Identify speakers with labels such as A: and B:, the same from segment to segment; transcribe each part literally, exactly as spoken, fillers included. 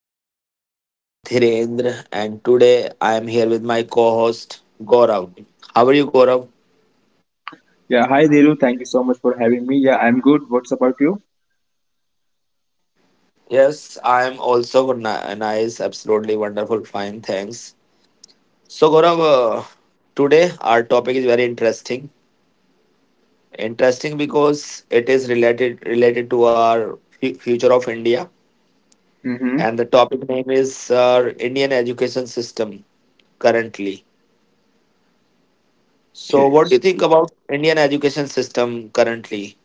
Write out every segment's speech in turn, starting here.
A: channel. My name is Dhirendra, and today I am here with my co-host Gaurav. How are you, Gaurav?
B: Yeah, hi Dhiru. Thank you so much for having me. Yeah, I'm good. What's about you?
A: Yes, I am also ni- nice. Absolutely wonderful. Fine, thanks. So, Gaurav, uh, today our topic is very interesting. Interesting because it is related related to our fu- future of India,
B: Mm-hmm.
A: and the topic name is our Indian education system currently. So,
B: Okay.
A: what do you think about Indian education system currently?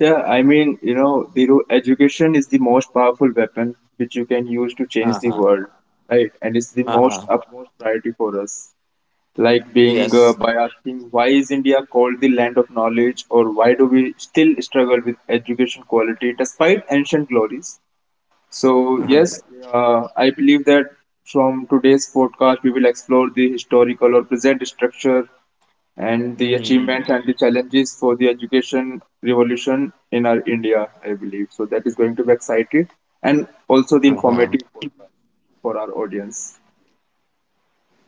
B: Yeah, I mean, you know, Dhiru, education is the most powerful weapon which you can use to change the
A: Uh-huh.
B: world, right? And it's the most
A: Uh-huh.
B: utmost priority for us. Like being uh,
A: Yes.
B: by asking why is India called the land of knowledge, or why do we still struggle with education quality despite ancient glories? So
A: Uh-huh.
B: yes, uh, I believe that from today's podcast we will explore the historical or present structure and the
A: Mm.
B: achievements and the challenges for the education revolution in our India, I believe. So that is going to be exciting and also the
A: Uh-huh.
B: informative podcast for our audience.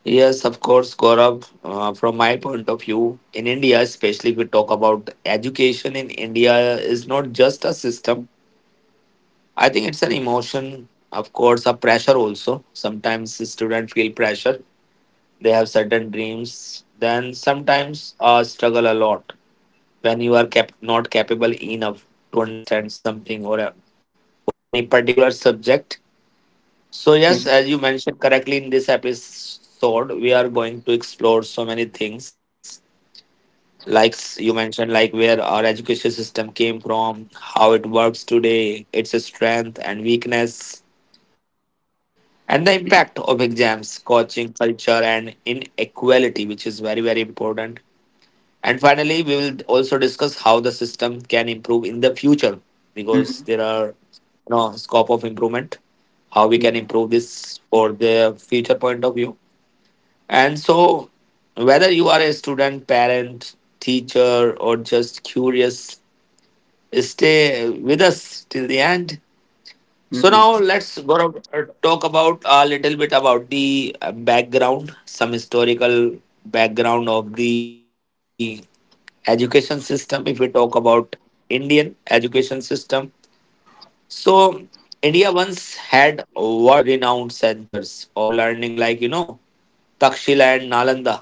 A: Yes, of course, Gaurav. Uh, from my point of view, in India, especially if we talk about education in India, is not just a system. I think it's an emotion, of course, a pressure also. Sometimes the students feel pressure. They have certain dreams. Then sometimes uh, struggle a lot when you are cap- not capable enough to understand something or a, or any particular subject. So yes,
B: Hmm.
A: as you mentioned correctly, in this episode we are going to explore so many things, like s- you mentioned, like where our education system came from, how it works today, its strength and weakness, and the impact of exams, coaching culture and inequality, which is very very important. And finally, we will also discuss how the system can improve in the future, because there are, you know, scope of improvement, how we can
B: Hmm.
A: improve this for the future point of view. And so, whether you are a student, parent, teacher, or just curious, stay with us till the end. So
B: Hmm.
A: now let's go to- uh, talk about a little bit about the uh, background, some historical background of the education system. If we talk about Indian education system, so India once had world renowned centers of learning like, you know, Takshila and Nalanda.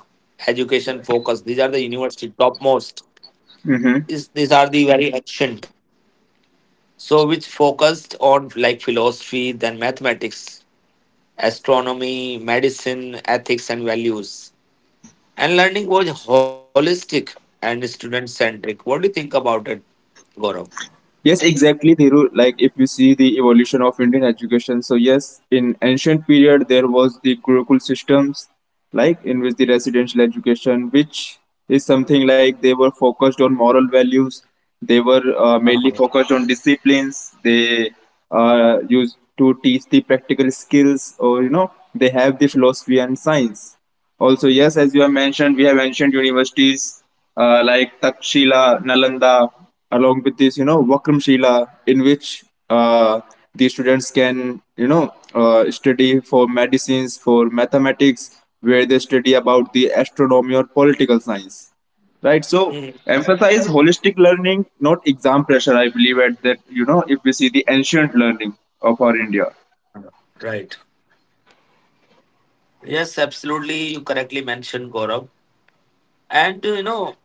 A: Education focus, these are the university topmost,
B: Hmm.
A: is, these are the very ancient. So which focused on like philosophy, then mathematics, astronomy, medicine, ethics and values. And learning was holistic and student centric what do you think about it, Gaurav?
B: Yes, exactly, Thiru. Like if you see the evolution of Indian education, so yes, in ancient period there was the Gurukul systems, like in which the residential education, which is something like they were focused on moral values, they were uh, mainly
A: Uh-huh.
B: focused on disciplines. They uh, used to teach the practical skills, or you know, they have the philosophy and science. Also, yes, as you have mentioned, we have ancient universities uh, like Takshila, Nalanda, along with this, you know, Vakramshila, in which uh, the students can, you know, uh, study for medicines, for mathematics, where they study about the astronomy or political science, right? So,
A: Mm,
B: emphasize holistic learning, not exam pressure, I believe, at that, you know, if we see the ancient learning of our India.
A: Right. Yes, absolutely. You correctly mentioned, Gaurav. And uh, you know,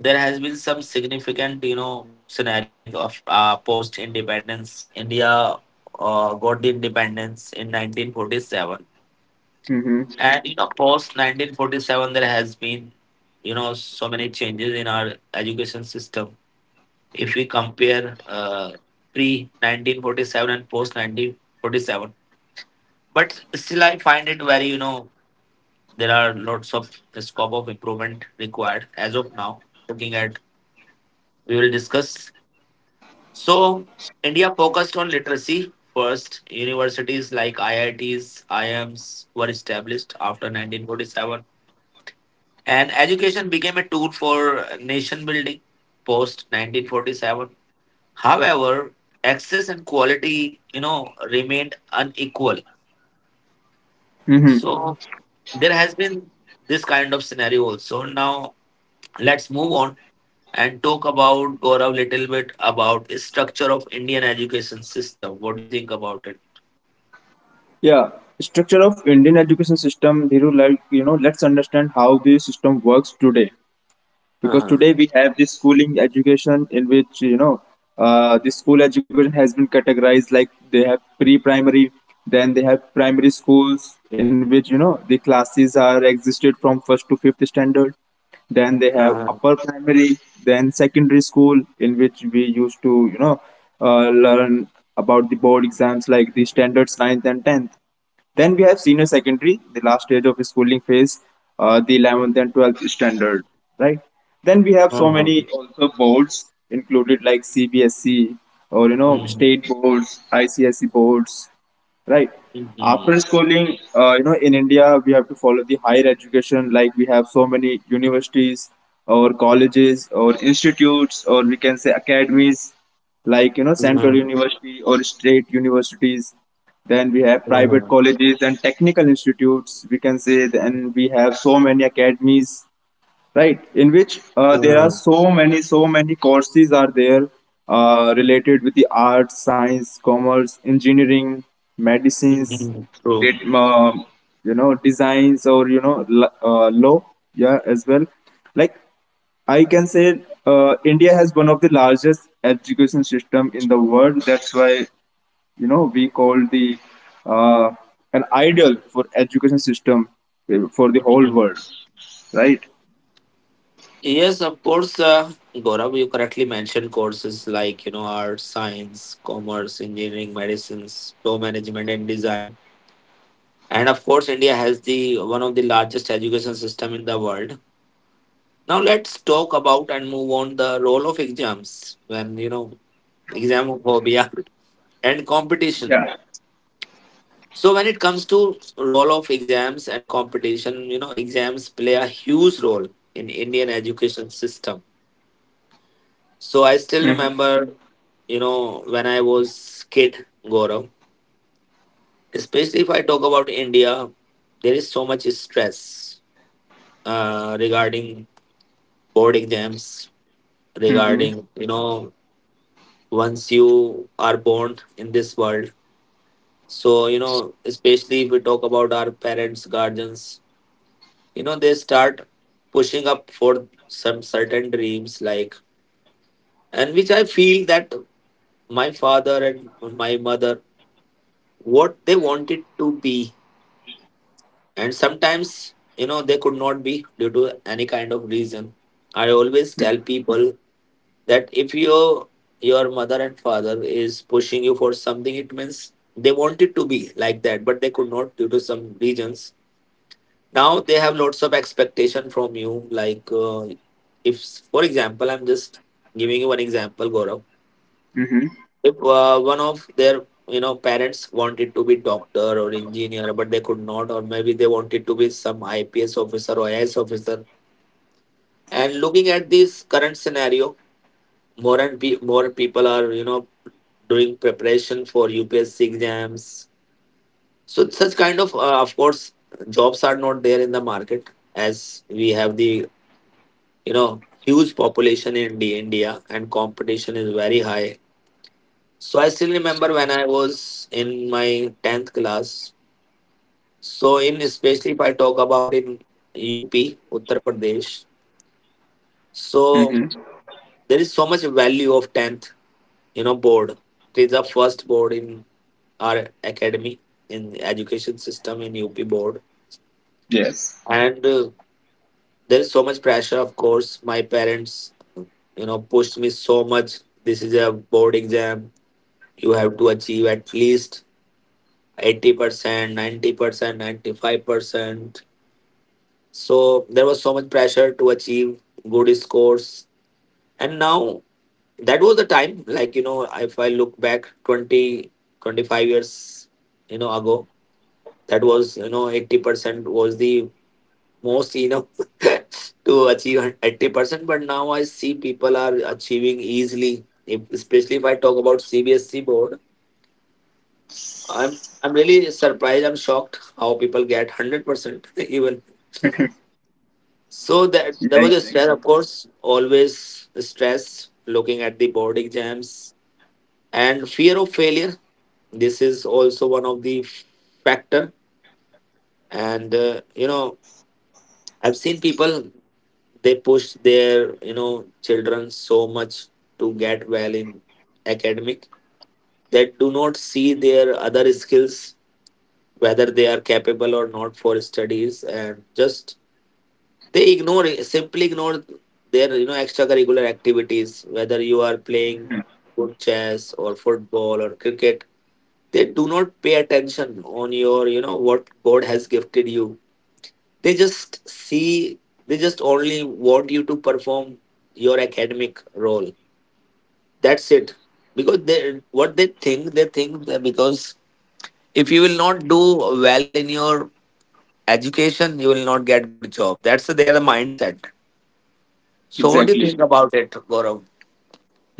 A: there has been some significant, you know, scenario like of uh, post independence. India uh, got the independence in nineteen forty-seven.
B: Mm-hmm.
A: And you know, post nineteen forty-seven, there has been, you know, so many changes in our education system. If we compare uh, pre nineteen forty-seven and post nineteen forty-seven, but still, I find it very, you know, there are lots of scope of improvement required as of now, looking at, we will discuss. So India focused on literacy, first universities like I I Ts, I M S were established after nineteen forty-seven, and education became a tool for nation building post nineteen forty-seven. However, access and quality, you know, remained unequal.
B: Mm-hmm.
A: So there has been this kind of scenario also now. Let's move on and talk about, Gaurav, a little bit about structure of Indian education system. What do you think about it?
B: Yeah, structure of Indian education system, Dhiru, like, you know, let's understand how the system works today. Because
A: Uh-huh.
B: today we have this schooling education in which, you know, uh, the school education has been categorized like they have pre-primary, then they have primary schools in which, you know, the classes are existed from first to fifth standard. Then they have
A: Uh-huh.
B: upper primary, then secondary school in which we used to, you know, uh, learn about the board exams like the standards ninth and tenth. Then we have senior secondary, the last stage of schooling phase, uh, the eleventh and twelfth standard, right? Then we have so many
A: Uh-huh.
B: also boards included like C B S E or you know
A: Mhm.
B: state boards, I C S E boards, right? After
A: Mhm.
B: schooling, uh, you know, in India we have to follow the higher education. Like we have so many universities or colleges or institutes or we can say academies, like you know Central
A: Mhm.
B: University or state universities, then we have private
A: Mhm.
B: colleges and technical institutes, we can say, and we have so many academies, right? In which uh, there are
A: Mhm.
B: so many, so many courses are there uh, related with the arts, science, commerce, engineering, medicines,
A: Mhm. True.
B: that, um, you know, designs or, you know, l- uh, law, yeah, as well. Like I can say uh, India has one of the largest education system in the world. That's why you know we called the uh, an ideal for education system uh, for the whole
A: Mhm.
B: world, right?
A: Yes, of course, uh, Gaurav, you correctly mentioned courses like, you know, arts, science, commerce, engineering, medicines, law, management and design. And of course, India has the one of the largest education system in the world. Now let's talk about and move on the role of exams, when you know, examophobia and competition.
B: Yeah.
A: So when it comes to role of exams and competition, you know, exams play a huge role in Indian education system. So I still remember, you know, when I was kid, Gaurav, especially if I talk about India, there is so much stress uh, regarding board exams,
B: Mm-hmm.
A: regarding, you know, once you are born in this world. So you know, especially if we talk about our parents, guardians, you know, they start pushing up for some certain dreams, like, and which I feel that my father and my mother, what they wanted to be, and sometimes you know they could not be due to any kind of reason. I always tell people that if your your mother and father is pushing you for something, it means they want it to be like that but they could not due to some reasons. Now they have lots of expectation from you, like uh, if, for example, I'm just giving you one example, Gaurav.
B: Mm-hmm.
A: If uh, one of their, you know, parents wanted to be doctor or engineer but they could not, or maybe they wanted to be some I P S officer or I A S officer. And looking at this current scenario, more and pe- more people are, you know, doing preparation for U P S C exams. So such kind of, uh, of course, jobs are not there in the market as we have the, you know, huge population in the India and competition is very high. So I still remember when I was in my tenth class. So in, especially if I talk about in U P, Uttar Pradesh, so
B: Mm-hmm.
A: there is so much value of tenth, you know, board. It is the first board in our academy, in the education system in U P board.
B: Yes.
A: And uh, there is so much pressure, of course. My parents, you know, pushed me so much. This is a board exam. You have to achieve at least eighty percent, ninety percent, ninety-five percent. So there was so much pressure to achieve good scores. And now, that was the time, like, you know, if I look back twenty, twenty-five years, you know, ago. That was, you know, eighty percent was the most, you know, to achieve eighty percent, but now I see people are achieving easily, if, especially if I talk about C B S E board. I'm i'm really surprised, I'm shocked how people get one hundred percent even. So that
B: Yeah,
A: there was a stress,
B: exactly.
A: of course, always stress, looking at the board exams. And fear of failure, this is also one of the factor. And uh, you know, I've seen people, they push their, you know, children so much to get well in academic that do not see their other skills, whether they are capable or not for studies, and just they ignore it- simply ignore their, you know, extracurricular activities, whether you are playing good chess or football or cricket. They do not pay attention on your, you know, what God has gifted you. They just see, they just only want you to perform your academic role. That's it. Because they, what they think, they think that, because if you will not do well in your education, you will not get good job. That's their mindset. So what do you
B: Exactly.
A: think about it, Gaurav?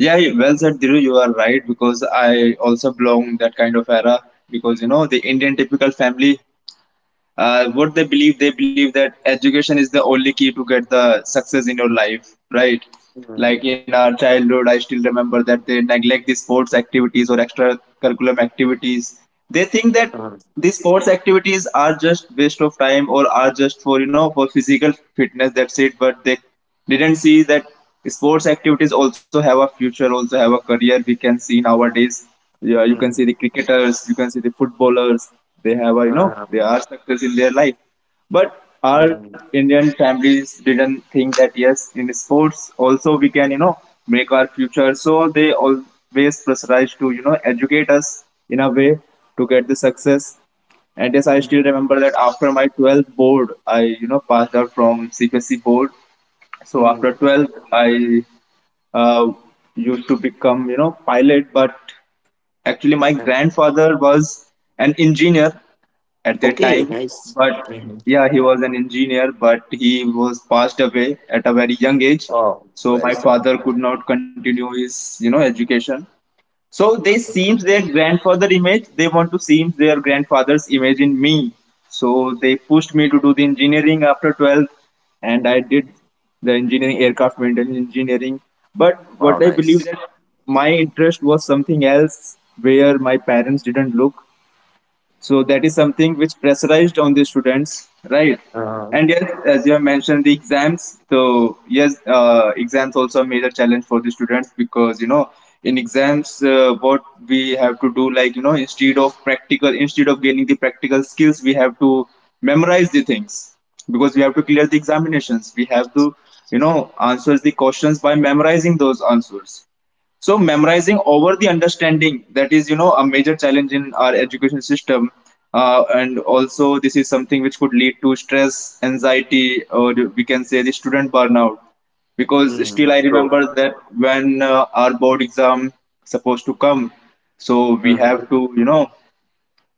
B: Yeah, you- well said, Dhiru. You are right because I also belong that kind of era because you know the Indian typical family, uh, what they believe, they believe that education is the only key to get the success in your life, right?
A: Hmm.
B: Like in our childhood I still remember that they neglect the sports activities or extracurriculum activities. They think that
A: Uh,
B: these sports activities are just waste of time or are just for you know for physical fitness, that's it, but they didn't see that sports activities also have a future, also have a career, we can see nowadays. Yeah, you can
A: hmm.
B: see the cricketers, you can see the footballers, they have a you know
A: Uh,
B: they are success in their life. But our
A: hmm.
B: indian families didn't think that yes, in sports also we can you know make our future, so they always pressurized to you know educate us in a way to get the success. And yes, I
A: Hmm.
B: still remember that after my twelfth board I you know passed out from C B S E board. So after
A: Hmm.
B: twelve I uh, used to become you know pilot, but actually my
A: Uh,
B: grandfather was an engineer at that
A: Okay,
B: time,
A: nice.
B: but
A: Mhm.
B: yeah, he was an engineer, but he was passed away at a very young age.
A: Oh,
B: So
A: very
B: my
A: sad.
B: father could not continue his, you know, education. So they seems their grandfather image. They want to seems their grandfather's image in me. So they pushed me to do the engineering after twelfth, and I did the engineering, aircraft maintenance engineering. But
A: Wow,
B: what I believe
A: nice.
B: that my interest was something else where my parents didn't look. So that is something which pressurized on the students, right?
A: Uh,
B: And yes, as you have mentioned, the exams. So yes, uh, exams also a major challenge for the students, because you know in exams uh, what we have to do, like you know instead of practical instead of gaining the practical skills, we have to memorize the things, because we have to clear the examinations, we have to you know answer the questions by memorizing those answers. So memorizing over the understanding, that is you know a major challenge in our education system. Uh, and also this is something which could lead to stress anxiety, or we can say the student burnout. Because
A: mm,
B: still I
A: true.
B: remember that when uh, our board exam supposed to come, so we
A: Oh.
B: have to you know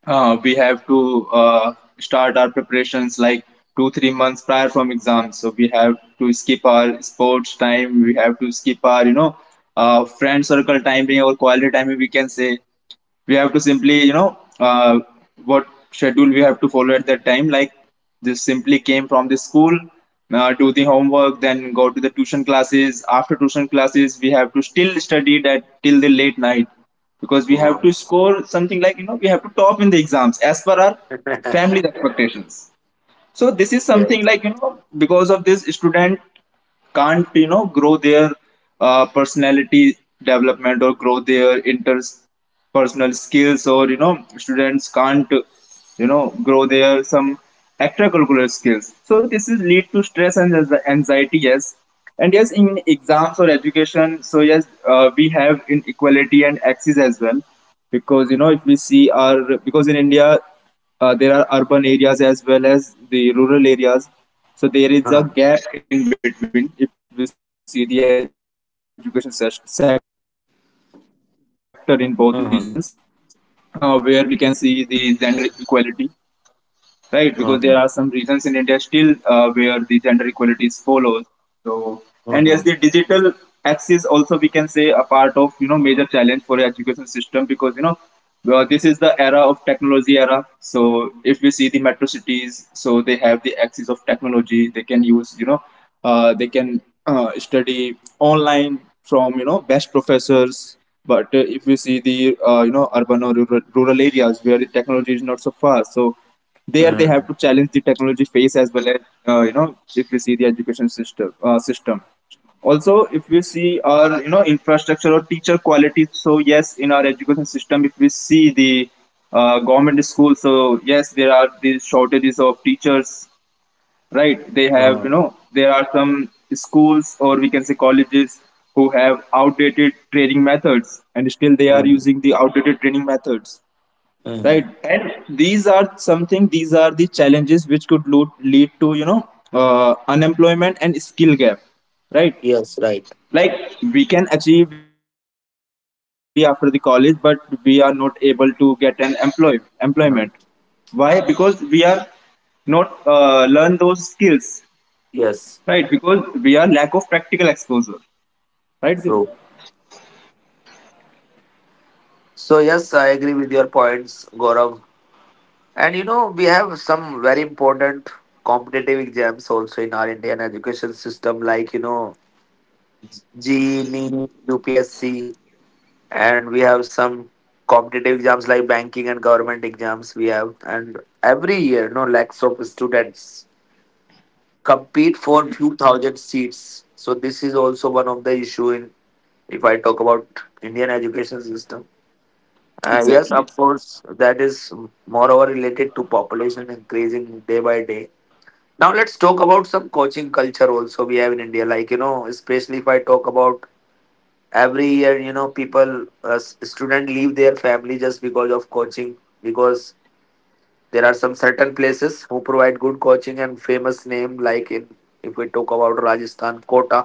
B: uh, we have to uh, start our preparations like two, three months prior from exams. So we have to skip our sports time. We have to skip our, you know, uh, friend circle time timing, our quality time, we can say. We have to simply you know uh, what schedule we have to follow at that time, like just simply came from the school, uh, do the homework, then go to the tuition classes, after tuition classes we have to still study that till the late night, because we have to score something, like you know we have to top in the exams as per our family's expectations. So this is something,
A: Yes,
B: like you know because of this student can't you know grow their uh, personality development or grow their interpersonal skills, or you know students can't you know grow their some extracurricular skills. So this is lead to stress and anxi- anxiety, yes. And yes, in exams or education, so yes, uh, we have inequality and axis as well. Because you know if we see our because in India, uh, there are urban areas as well as the rural areas. So there is a
A: Uh-huh.
B: gap in between if we see the education se- sector in both regions, uh, where we can see the gender equality,
A: Uh-huh.
B: right? Because there are some regions in India still uh, where the gender equality is
A: Uh-huh.
B: followed. So, and yes, the digital access also we can say a part of
A: Uh-huh.
B: you know major challenge for the education system, because you know well, this is the era of technology era. So if we see the metro cities, so they have the access of technology. They can use you know uh, they can uh, study online from you know best professors. But uh, if we see the uh, you know urban or rural, rural areas where the technology is not so far, so there they have to challenge the technology phase as
A: Uh-huh.
B: well as uh, you know if we see the education system uh, system also. If we see our you know infrastructure or teacher quality, so yes in our education system if we see the uh, government schools, so yes there are these shortages of teachers, right? They have you know
A: Uh-huh.
B: there are some schools or we can say colleges who have outdated training methods and still they are
A: Uh-huh.
B: using the outdated training methods, right? And these are something these are the challenges which could lo- lead to you know uh, unemployment and skill gap, right?
A: Yes, right.
B: Like we can achieve we can get the degree after the college, but we are not able to get an employ employment,
A: Uh-huh.
B: why? Because we are not uh, learn those skills.
A: Yes,
B: Right, because we are lack of practical exposure. Right, Dhiru?
A: true. So, yes, I agree with your points, Gaurav. And you know, we have some very important competitive exams also in our Indian education system, like you know, G E, NEET, U P S C, and we have some competitive exams like banking and government exams we have. And every year, no, lakhs of students compete for few thousand seats. So this is also one of the issue in, if I talk about Indian education system. uh, yes,
B: Exactly.
A: of course, that is moreover related to population increasing day by day. Now let's talk about some coaching culture also we have in India. Like you know, especially if I talk about every year, you know, people, uh, student leave their family just because of coaching, because there are some certain places who provide good coaching and famous name like in, if we talk about Rajasthan, Kota.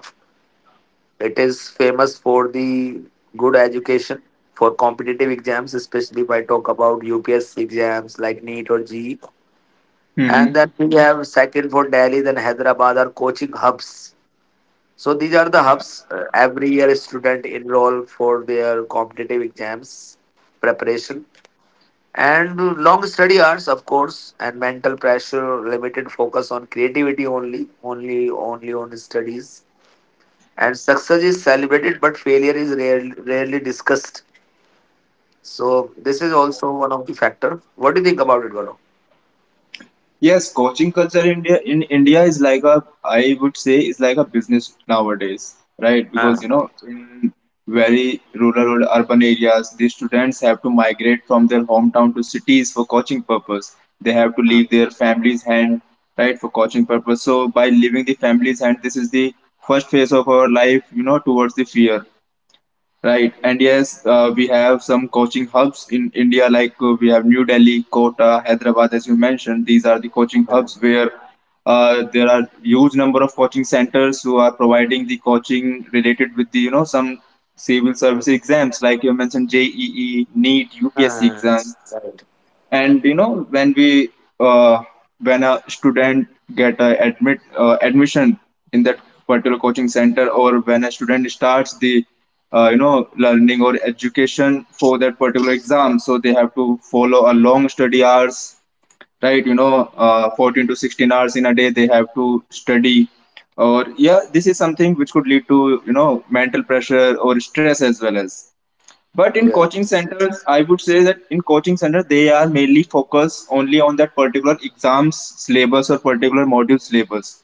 A: It is famous for the good education for competitive exams, especially if I talk about U P S exams like NEET or GE. And
B: Mm-hmm.
A: then we have second for Delhi, then Hyderabad are coaching hubs. So these are the
B: Yeah.
A: hubs. Uh, every year, student enroll for their competitive exams preparation, and long study hours, of course, and mental pressure, limited focus on creativity, only, only, only on studies. And success is celebrated, but failure is rarely, rarely discussed. So this is also one of the factor. What do you think about it, Gaurav?
B: Yes, coaching culture in India in India is like a, I would say, is like a business nowadays, right? Because you
A: Ah,
B: know, in very rural or urban areas, the students have to migrate from their hometown to cities for coaching purpose. They have to
A: ah,
B: leave their family's hand, right, for coaching purpose. So by leaving the family's hand, this is the first phase of our life, you know, towards the fear. Right, and yes, uh, we have some coaching hubs in India, like uh, we have New Delhi, Kota, Hyderabad, as you mentioned. These are the coaching
A: ah,
B: hubs where uh, there are huge number of coaching centers who are providing the coaching related with the you know some civil service
A: ah,
B: exams, like you mentioned J E E, NEET, U P S C
A: ah,
B: exam.
A: right.
B: And you know when we uh, when a student get a admit uh, admission in that particular coaching center, or when a student starts the uh, you know learning or education for that particular exam, so they have to follow a long study hours, right? you know uh, fourteen to sixteen hours in a day they have to study. Or yeah, this is something which could lead to you know mental pressure or stress as well as. But in
A: Yeah.
B: coaching centers, I would say that in coaching centers they are mainly focused only on that particular exams syllabus or particular module syllabus.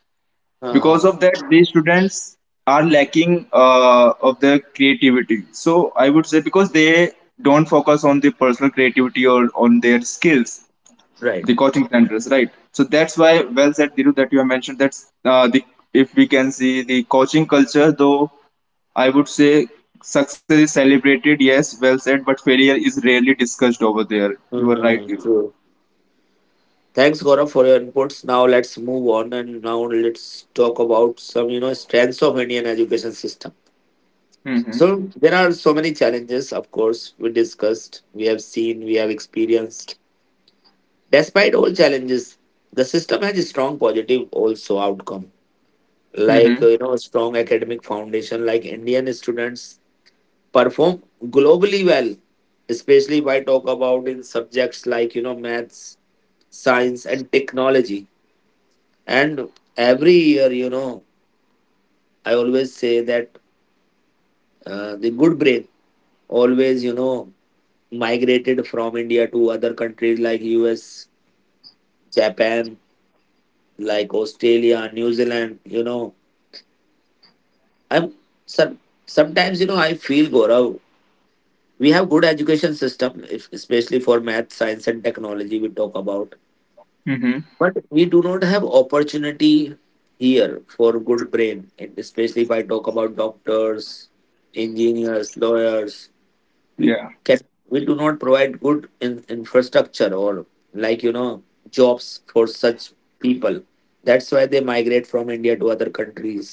B: Because
A: Uh-huh.
B: of that, these students are lacking uh, of their creativity. So I would say because they don't focus on the personal creativity or on their skills,
A: Right.
B: the coaching centers, right? So that's why, well said, Diru, that you have mentioned that uh, the if we can see the coaching culture, though I would say success is celebrated, yes, well said, but failure is rarely discussed over there. You are right.
A: Mm,
B: Gil.
A: true. Thanks, Gaurav, for your inputs. Now let's move on, and now let's talk about some, you know, strengths of Indian education system.
B: Mm-hmm.
A: So there are so many challenges, of course, we discussed, we have seen, we have experienced. Despite all challenges, the system has a strong positive also outcome. Like, uh,
B: Mm-hmm.
A: you know, a strong academic foundation, like Indian students perform globally well, especially if I talk about in subjects like, you know, maths, science and technology. And every year, you know, I always say that uh, the good brain always, you know, migrated from India to other countries like U S, Japan, like Australia, New Zealand. You know, I'm some, sometimes, you know, I feel, Gaurav, we have good education system, if- especially for math, science, and technology. We talk about,
B: Mm-hmm.
A: but we do not have opportunity here for good brain, and especially if I talk about doctors, engineers, lawyers. We
B: Yeah.
A: can we do not provide good in, infrastructure or like you know jobs for such people. That's why they migrate from India to other countries.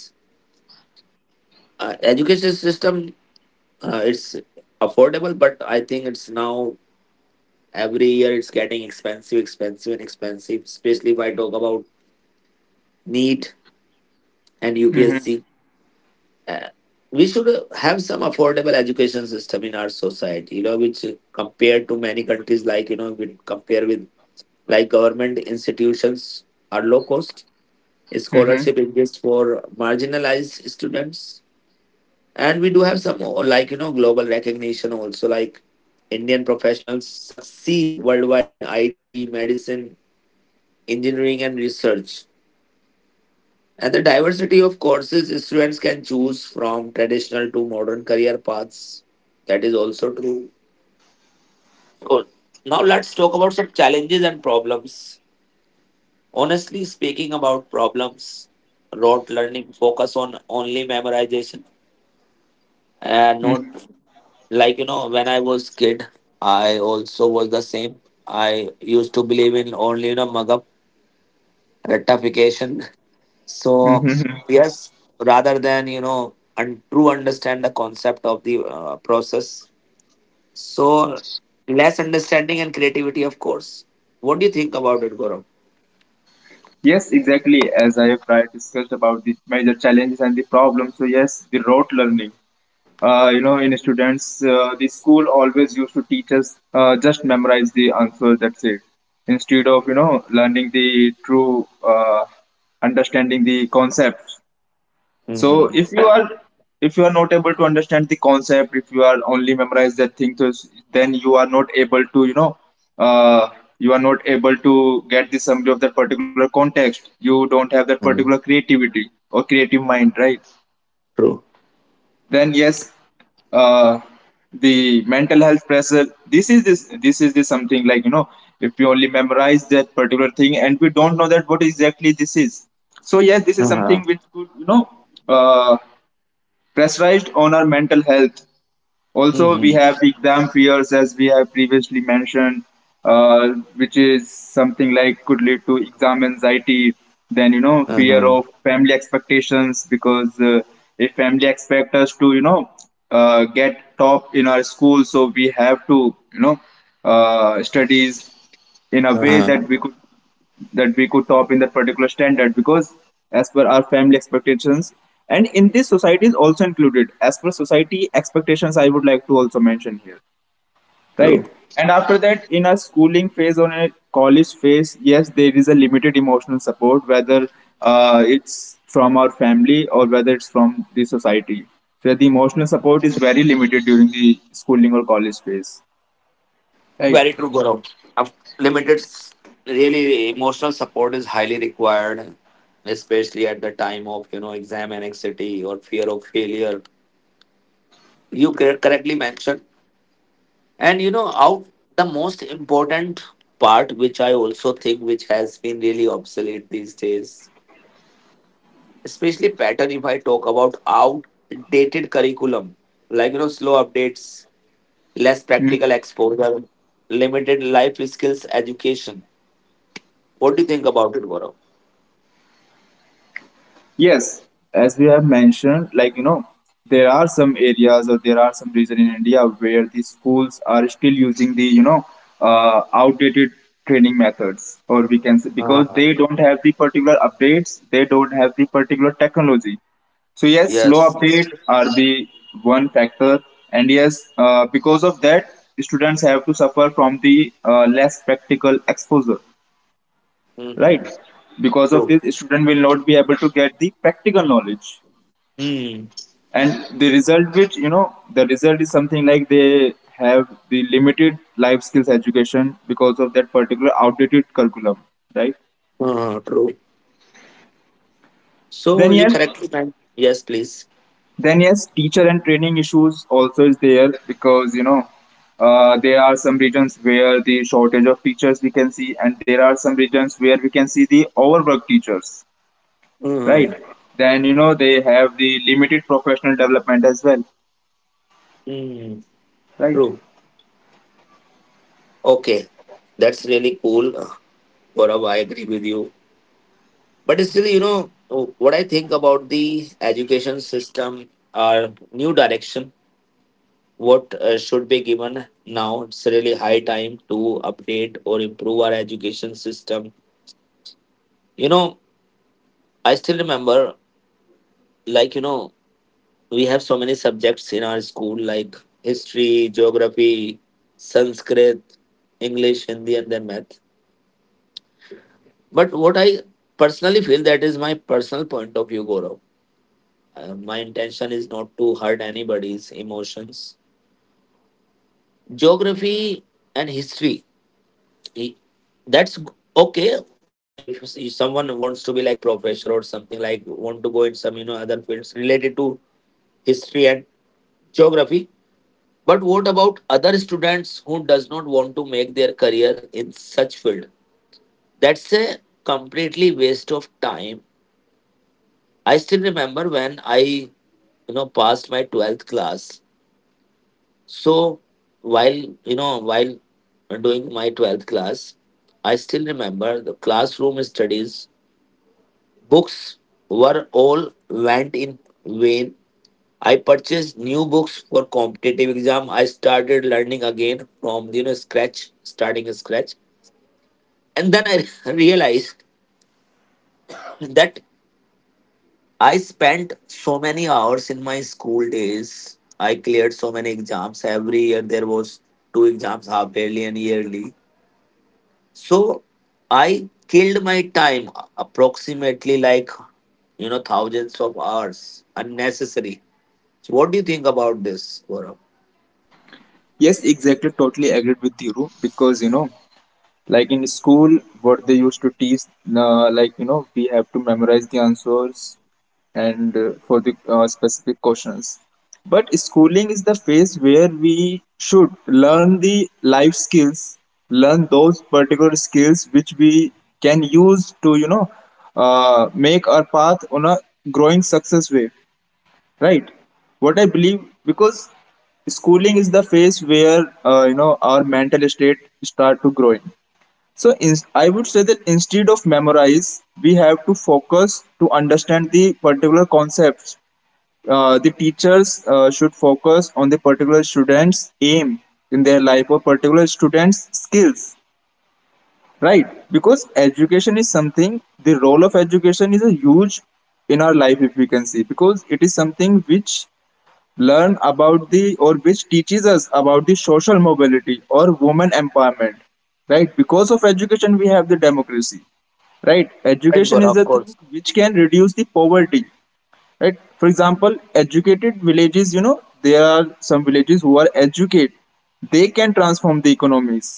A: uh, Education system, uh, it's affordable, but I think it's now every year it's getting expensive expensive and expensive, especially if I talk about NEET and
B: Mm-hmm.
A: upsc. We should uh, have some affordable education system in our society, you know, which uh, compared to many countries, like you know we compare with like government institutions are low cost.
B: Mm-hmm.
A: Scholarship exists for marginalized students. And we do have some uh, like, you know, global recognition also, like Indian professionals succeed worldwide in I T, medicine, engineering, and research. And the diversity of courses students can choose from traditional to modern career paths. That is also true. Good. Now let's talk about some challenges and problems. Honestly, speaking about problems, rote learning focus on only memorization, and not like you know when I was kid, I also was the same. I used to believe in only, you know, mug up rectification. So
B: Mm-hmm.
A: yes, rather than, you know, and true understand the concept of the uh, process. So less understanding and creativity, of course. What do you think about it, Gaurav?
B: Yes, exactly. As I have prior discussed about the major challenges and the problems. So yes, the rote learning. Uh, you know, in students, uh, the school always used to teach us uh, just memorize the answer. That's it. Instead of you know learning the true uh, understanding the concepts. So
A: Mm-hmm.
B: if you are, if you are not able to understand the concept, if you are only memorize that thing, so s- then you are not able to you know uh, you are not able to get the summary of that particular context. You don't have that particular creativity or creative mind, right?
A: True.
B: Then yes, uh, the mental health pressure. This is this this is the something like you know if you only memorize that particular thing and we don't know that what exactly this is. So yes, this is
A: Uh-huh.
B: something which could you know. Uh, pressurized on our mental health. Also, we
A: Mm-hmm.
B: have the exam fears, as we have previously mentioned, uh, which is something like could lead to exam anxiety. Then you know fear
A: Uh-huh.
B: of family expectations because uh, if family expect us to you know uh, get top in our school, so we have to you know uh, studies in a way
A: Uh-huh.
B: that we could, that we could top in that particular standard, because as per our family expectations, and in this society is also included as per society expectations, I would like to also mention here, right?
A: True.
B: And after that, in a schooling phase or in a college phase, yes, there is a limited emotional support, whether uh, it's from our family or whether it's from the society. So the emotional support is very limited during the schooling or college phase, right?
A: Very true, Gaurav. Of- Limited, s- really emotional support is highly required, especially at the time of, you know, exam anxiety or fear of failure. You cor- correctly mentioned, and you know out the most important part, which I also think which has been really obsolete these days, especially pattern. If I talk about outdated curriculum, like you know slow updates, less practical exposure, limited life skills education. What do you think about it, Gaurav?
B: Yes, as we have mentioned, like you know, there are some areas or there are some regions in India where the schools are still using the you know uh, outdated training methods, or we can say because
A: Ah,
B: they don't have the particular updates, they don't have the particular technology. So yes, slow
A: yes.
B: update are the one factor, and yes, uh, because of that, students have to suffer from the uh, less practical exposure, right?
A: Hmm.
B: Because of
A: True.
B: this student will not be able to get the practical knowledge,
A: Mm.
B: and the result, which you know the result is something like they have the limited life skills education because of that particular outdated curriculum, right?
A: Ah, true. So
B: Then
A: you
B: yes,
A: correctly mentioned. Yes, please.
B: then yes, teacher and training issues also is there, because you know uh, there are some regions where the shortage of teachers we can see, and there are some regions where we can see the overworked teachers, right?
A: Mm.
B: Then you know they have the limited professional development as well,
A: Mm.
B: right?
A: True. Okay, that's really cool, uh, Gaurav. I agree with you. But still, you know, what I think about the education system are new direction. What uh, should be given now, it's really high time to update or improve our education system, you know. I still remember, like you know, we have so many subjects in our school, like history, geography, sanskrit, english, hindi, and then math. But what I personally feel, that is my personal point of view, Gaurav, Uh, my intention is not to hurt anybody's emotions. Geography and history, He- that's g- okay, if s- if someone wants to be like professor or something, like want to go in some, you know, other fields related to history and geography. But what about other students who does not want to make their career in such field? That's a completely waste of time. I still remember when I, you know, passed my twelfth class. So while, you know, while doing my twelfth class, I still remember the classroom studies. Books were all went in vain. I purchased new books for competitive exam. I started learning again from, you know, scratch, starting scratch. And then I realized that I spent so many hours in my school days. I cleared so many exams every year. There was two exams, half yearly and yearly. So I killed my time approximately, like, you know, thousands of hours unnecessary. So what do you think about this, Gaurav?
B: Yes, exactly. Totally agreed with you, because you know, like in school, what they used to teach, uh, like you know, we have to memorize the answers and uh, for the uh, specific questions. But schooling is the phase where we should learn the life skills, learn those particular skills which we can use to you know uh, make our path on a growing success way, right? What I believe, because schooling is the phase where uh, you know our mental state start to growing. So in, I would say that instead of memorize we have to focus to understand the particular concepts. Uh, the teachers uh, should focus on the particular students aim in their life or particular students skills, right? Because education is something, the role of education is a huge in our life if we can see, because it is something which learn about the, or which teaches us about the social mobility or women empowerment, right? Because of education we have the democracy, right?
A: You're right,
B: Education
A: Gaurav,
B: is
A: of
B: the thing
A: course.
B: which can reduce the poverty, right? For example, educated villages, you know there are some villages who are educated, they can transform the economies,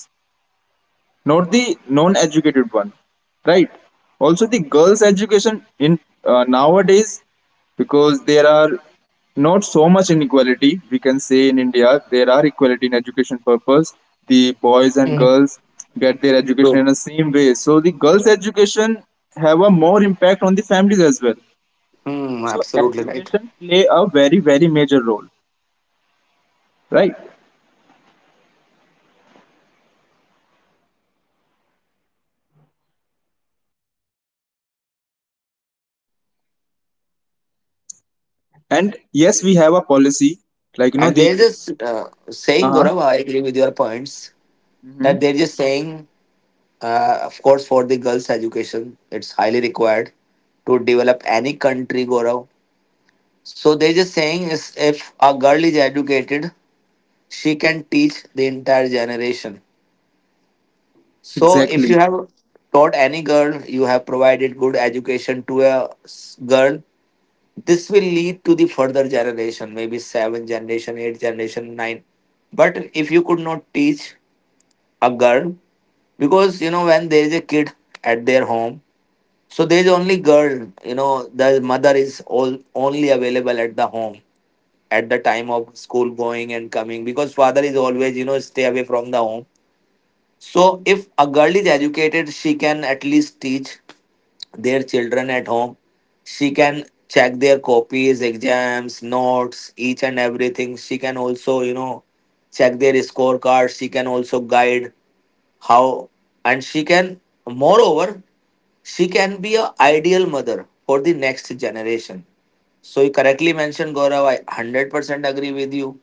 B: not the non-educated one, right? Also, the girls' education in uh, nowadays, because there are not so much inequality. We can say in India there are equality in education purpose. The boys and
A: Hmm.
B: girls get their education
A: True.
B: in the same way. So the girls' education have a more impact on the families as well.
A: Hmm,
B: So
A: absolutely right.
B: education play a very very major role, right? And yes, we have a policy like you know
A: And
B: the
A: they're just uh,
B: uh
A: saying, Gaurav,
B: huh.
A: I agree with your points,
B: Mm-hmm.
A: that they're just saying, uh, of course, for the girls' education, it's highly required to develop any country, Gaurav. So they're just saying is, if a girl is educated, she can teach the entire generation. So if
B: Exactly.
A: you have taught any girl, you have provided good education to a s- girl, this will lead to the further generation, maybe seventh generation, eighth generation, nine. But if you could not teach a girl, because you know, when there is a kid at their home, so there is only girl, you know, the mother is all only available at the home at the time of school going and coming, because father is always, you know, stay away from the home. So if a girl is educated, she can at least teach their children at home. She can check their copies, exams, notes, each and everything. She can also, you know, check their scorecards. She can also guide how, and she can, moreover, she can be a ideal mother for the next generation. So you correctly mentioned, Gaurav. I one hundred percent agree with you.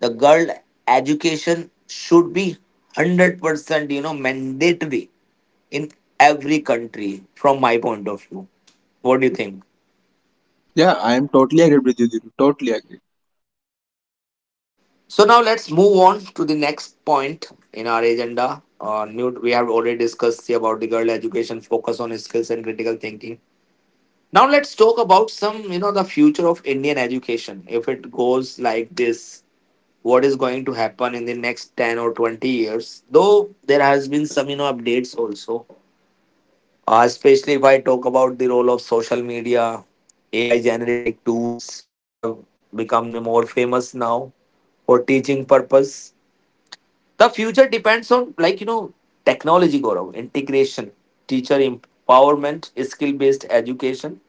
A: The girl education should be one hundred percent, you know, mandatory in every country from my point of view. What do you think?
B: Yeah, I am totally agreed with you. Dhiru. Totally agreed.
A: So now let's move on to the next point in our agenda. Uh, Newt, we have already discussed about the girl education, focus on skills and critical thinking. Now let's talk about some, you know, the future of Indian education. If it goes like this, what is going to happen in the next ten or twenty years? Though there has been some, you know, updates also. Uh, especially if I talk about the role of social media, A I generated tools have become the more famous now for teaching purpose. The future depends on, like you know, technology, Gaurav, integration, teacher empowerment, skill based education,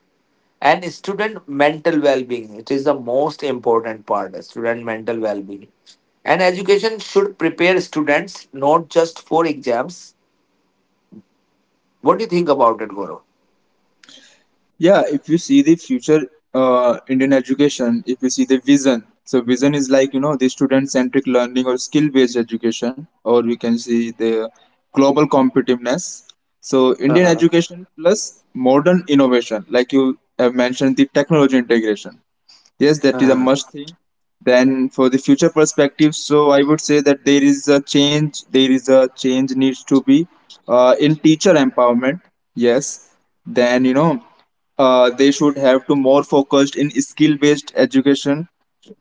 A: and student mental well being. It is the most important part. uh, Student mental well being, and education should prepare students not just for exams. What do you think about it, Gaurav?
B: Yeah, if you see the future uh, Indian education, if you see the vision, so vision is like you know the student-centric learning or skill-based education, or we can see the global competitiveness. So Indian
A: Uh-huh.
B: education plus modern innovation, like you have mentioned, the technology integration. Yes, that is a
A: Uh-huh.
B: must thing. Then for the future perspective, so I would say that there is a change. There is a change needs to be uh, in teacher empowerment. Yes. Then you know uh, they should have to more focused in skill based education,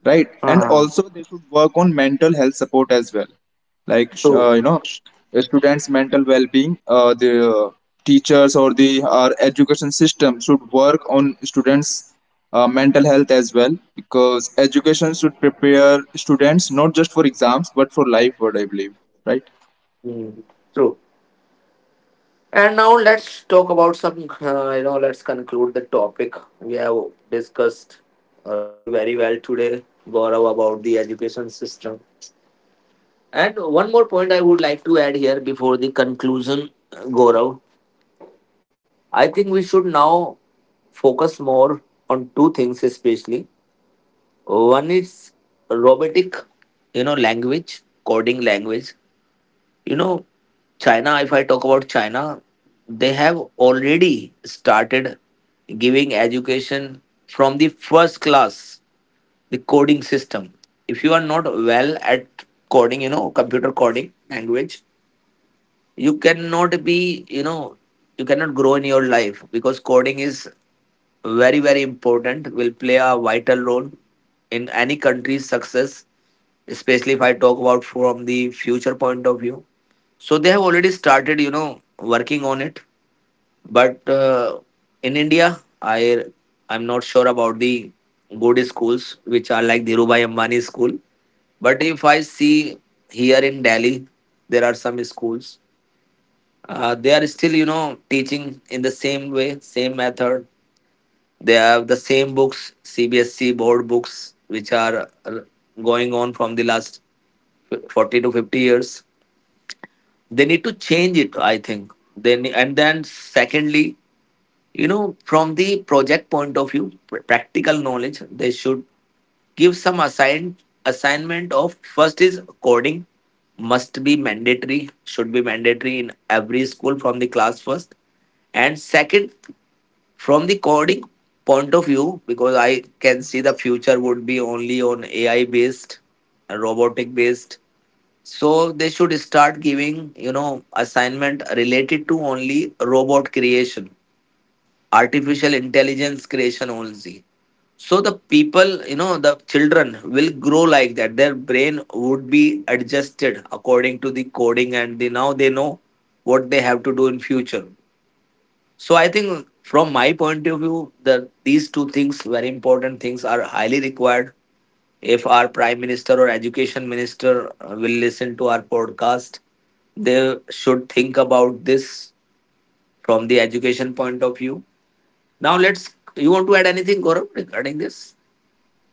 B: right? And
A: Uh,
B: also, they should work on mental health support as well, like sh-
A: true.
B: uh, you know, the students' mental well-being. Uh, the uh, teachers or the our education system should work on students' uh, mental health as well, because education should prepare students not just for exams but for life. What I believe, right?
A: Mm, true. And now let's talk about some, uh, you know, let's conclude the topic. We have discussed uh, really very well today, Gaurav, about the education system. And one more point I would like to add here before the conclusion, Gaurav. I think we should now focus more on two things, especially. One is robotic, you know, language, coding language. You know, China, if I talk about China, they have already started giving education from the first class, the coding system. If you are not well at coding, you know, computer coding language, you cannot be, you know, you cannot grow in your life, because coding is very, very important, will play a vital role in any country's success, especially if I talk about from the future point of view. So they have already started, you know, working on it. But uh, in India, I I'm not sure about the good schools which are like Dhirubhai Ambani school. But if I see here in Delhi, there are some schools. Uh, they are still, you know, teaching in the same way, same method. They have the same books, C B S C board books, which are uh, going on from the last forty to fifty years. They need to change it, I think. Then and then secondly, you know, from the project point of view, pr- practical knowledge, they should give some assign assignment of. First is coding must be mandatory, should be mandatory in every school from the class first. And second, from the coding point of view, because I can see the future would be only on AI based, uh, robotic based. So they should start giving, you know, assignment related to only robot creation, artificial intelligence creation only. So the people, you know, the children will grow like that, their brain would be adjusted according to the coding, and they now they know what they have to do in future. So I think from my point of view, the these two things, very important things, are highly required. If our prime minister or education minister uh, will listen to our podcast, they should think about this from the education point of view. Now let's. You want to add anything, Gaurav, regarding this?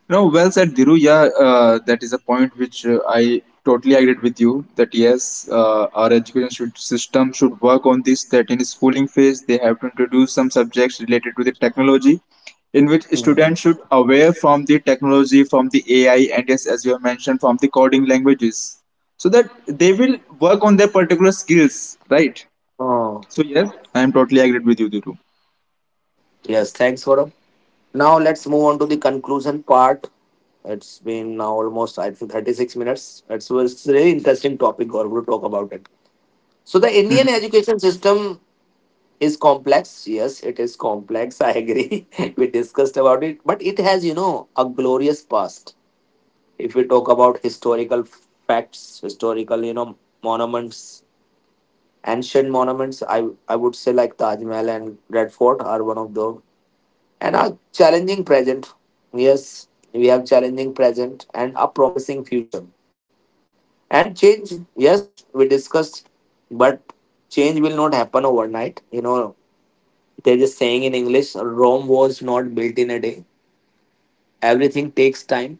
B: No, well said, Diru. Yeah, uh, that is a point which uh, I totally agreed with you. That yes, uh, our education should, system should work on this. That in schooling phase, they have to introduce some subjects related to the technology, in which
A: Hmm.
B: students should aware from the technology, from the A I, and yes, as you have mentioned, from the coding languages, so that they will work on their particular skills, right?
A: Oh,
B: So yes, I am totally agreed with you, Diru.
A: yes. Thanks, Gaurav. Now let's move on to the conclusion part. It's been now almost I think thirty-six minutes. It's was a very interesting topic, Gaurav, to talk about it. So the Indian education system is complex. Yes, it is complex. I agree. We discussed about it, but it has, you know, a glorious past. If we talk about historical facts, historical, you know, monuments, ancient monuments, I I would say like Taj Mahal and Red Fort are one of those, and a challenging present. Yes, we have challenging present and a promising future. And change, yes, we discussed, but change will not happen overnight, you know. There's a saying in English, Rome was not built in a day. Everything takes time,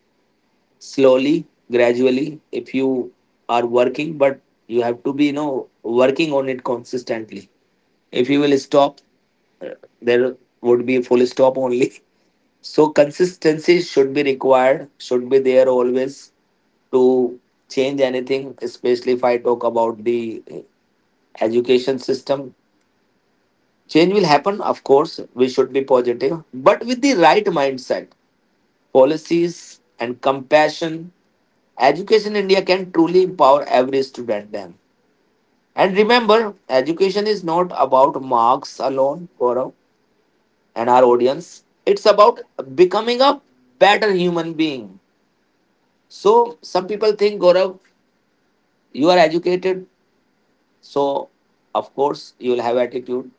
A: slowly, gradually, if you are working, but you have to be, you know, working on it consistently. If you will stop, there would be a full stop only. So consistency should be required, should be there always, to change anything, especially if I talk about the eh, education system. Change will happen, of course. We should be positive, but with the right mindset, policies, and compassion, Education India can truly empower every student then. And remember, education is not about marks alone, Gaurav, and our audience. It's about becoming a better human being. So some people think, Gaurav, you are educated, so of course you will have attitude.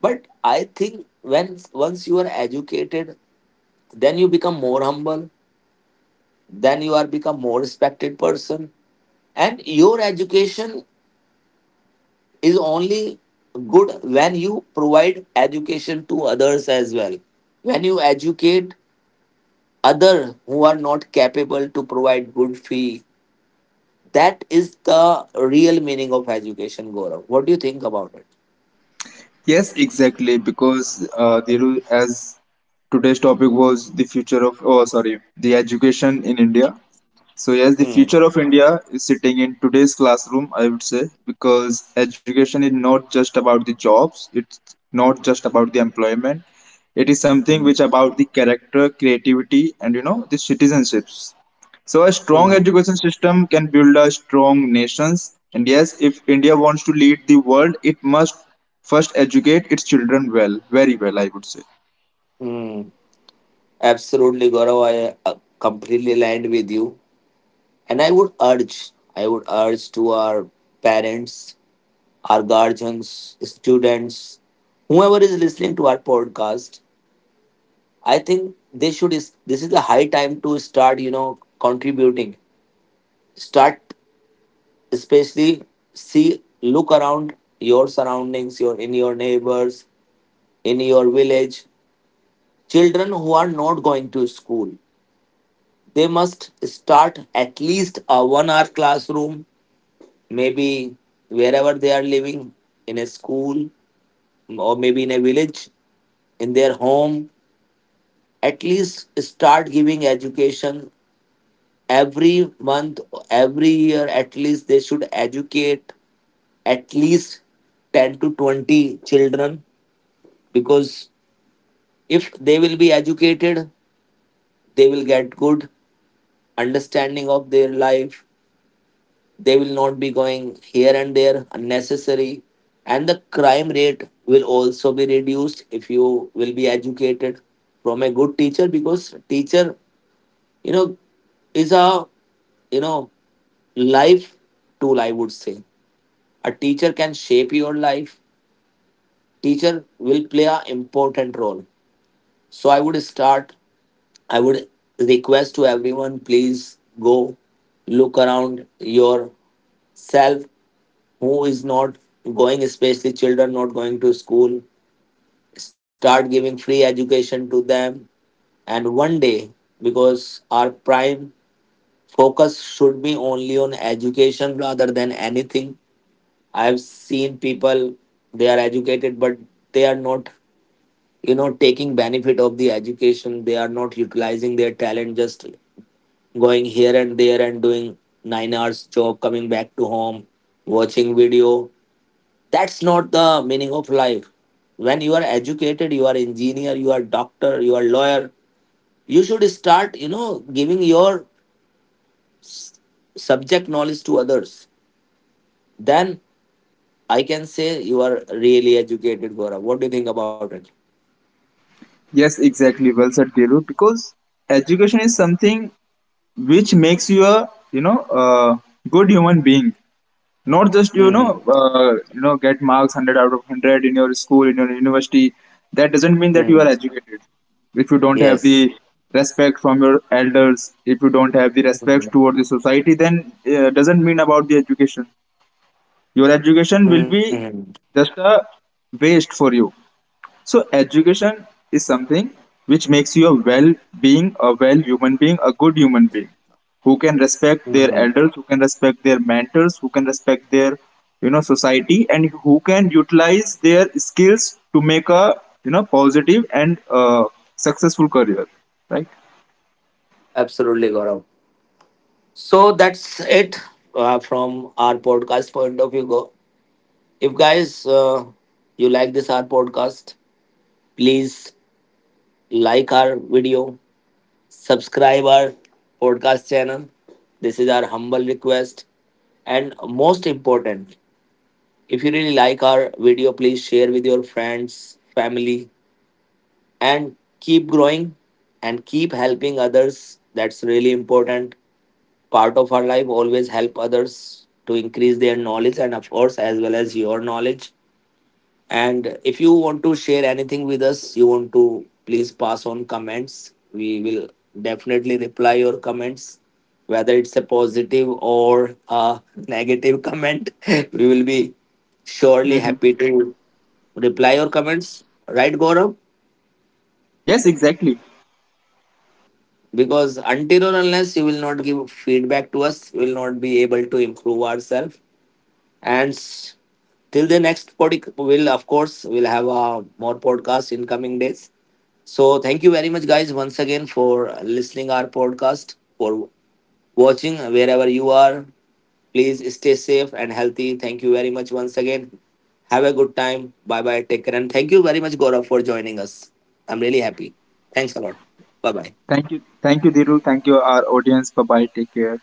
A: But I think when once you are educated, then you become more humble, then you are become more respected person, and your education is only good when you provide education to others as well, when you educate other who are not capable to provide good fee. That is the real meaning of education, Gaurav. What do you think about it?
B: Yes, exactly. Because uh, Dhiru, as today's topic was the future of, oh, sorry, the education in India. So, yes, the
A: Hmm.
B: future of India is sitting in today's classroom, I would say, because education is not just about the jobs, it's not just about the employment. It is something
A: Hmm.
B: which about the character, creativity, and you know, the citizenships. So a strong
A: Hmm.
B: education system can build a strong nations. And yes, if India wants to lead the world, it must first educate its children well, very well, I would say.
A: Hmm. Absolutely, Gaurav. I uh, completely aligned with you. And I would urge, I would urge to our parents, our guardians, students, whoever is listening to our podcast, I think they should. Is This is the high time to start, you know, contributing. Start, especially, see, look around your surroundings, your in your neighbors, in your village. Children who are not going to school, they must start at least a one-hour classroom, maybe wherever they are living, in a school or maybe in a village, in their home, at least start giving education every month, every year. At least they should educate at least ten to twenty children, because if they will be educated, they will get good understanding of their life, they will not be going here and there unnecessary, and the crime rate will also be reduced if you will be educated from a good teacher. Because teacher, you know, is a, you know, life tool, I would say. A teacher can shape your life. Teacher will play a important role. So i would start i would request to everyone, please go, look around yourself, who is not going, especially children not going to school. Start giving free education to them. And one day, because our prime focus should be only on education rather than anything. I've seen people, they are educated, but they are not, you know, taking benefit of the education. They are not utilizing their talent, just going here and there and doing nine hours job, coming back to home, watching video. That's not the meaning of life. When you are educated, you are engineer, you are doctor, you are lawyer, you should start, you know, giving your subject knowledge to others. Then I can say you are really educated, Gora. What do you think about it?
B: Yes, exactly. Well said, Kiru. Because education is something which makes you a you know a good human being. Not just you know
A: Mm-hmm.
B: uh, you know get marks one hundred out of one hundred in your school in your university, that doesn't mean that you are educated. If you don't have the
A: Yes.
B: respect from your elders, if you don't have the respect toward the society, then uh, doesn't mean about the education. Your education will
A: Mhm.
B: be just a waste for you. So education is something which makes you a well being, a well human being, a good human being who can respect their
A: Mhm.
B: elders, who can respect their mentors, who can respect their you know society, and who can utilize their skills to make a you know positive and uh, successful career, right?
A: Absolutely, Gaurav. So that's it, uh, from our podcast point of view. Go. If guys, uh, you like this our podcast, please like our video, subscribe our podcast channel. This is our humble request, and most important, if you really like our video, please share with your friends, family, and keep growing and keep helping others. That's really important part of our life. Always help others to increase their knowledge and of course as well as your knowledge. And if you want to share anything with us, you want to, please pass on comments. We will definitely reply your comments, whether it's a positive or a negative comment. We will be surely
B: Hmm.
A: happy to reply your comments, right, Gaurav?
B: Yes, exactly.
A: Because until or unless you will not give feedback to us, we will not be able to improve ourselves. and s- Till the next pod will, of course, we'll have a more podcast in coming days. So thank you very much guys once again for listening our podcast, for watching wherever you are. Please stay safe and healthy. Thank you very much once again. Have a good time. Bye bye. Take care. And thank you very much, Gaurav, for joining us. I'm really happy. Thanks a lot. Bye bye.
B: Thank you, thank you, Dhiru. Thank you, our audience. Bye bye. Take care.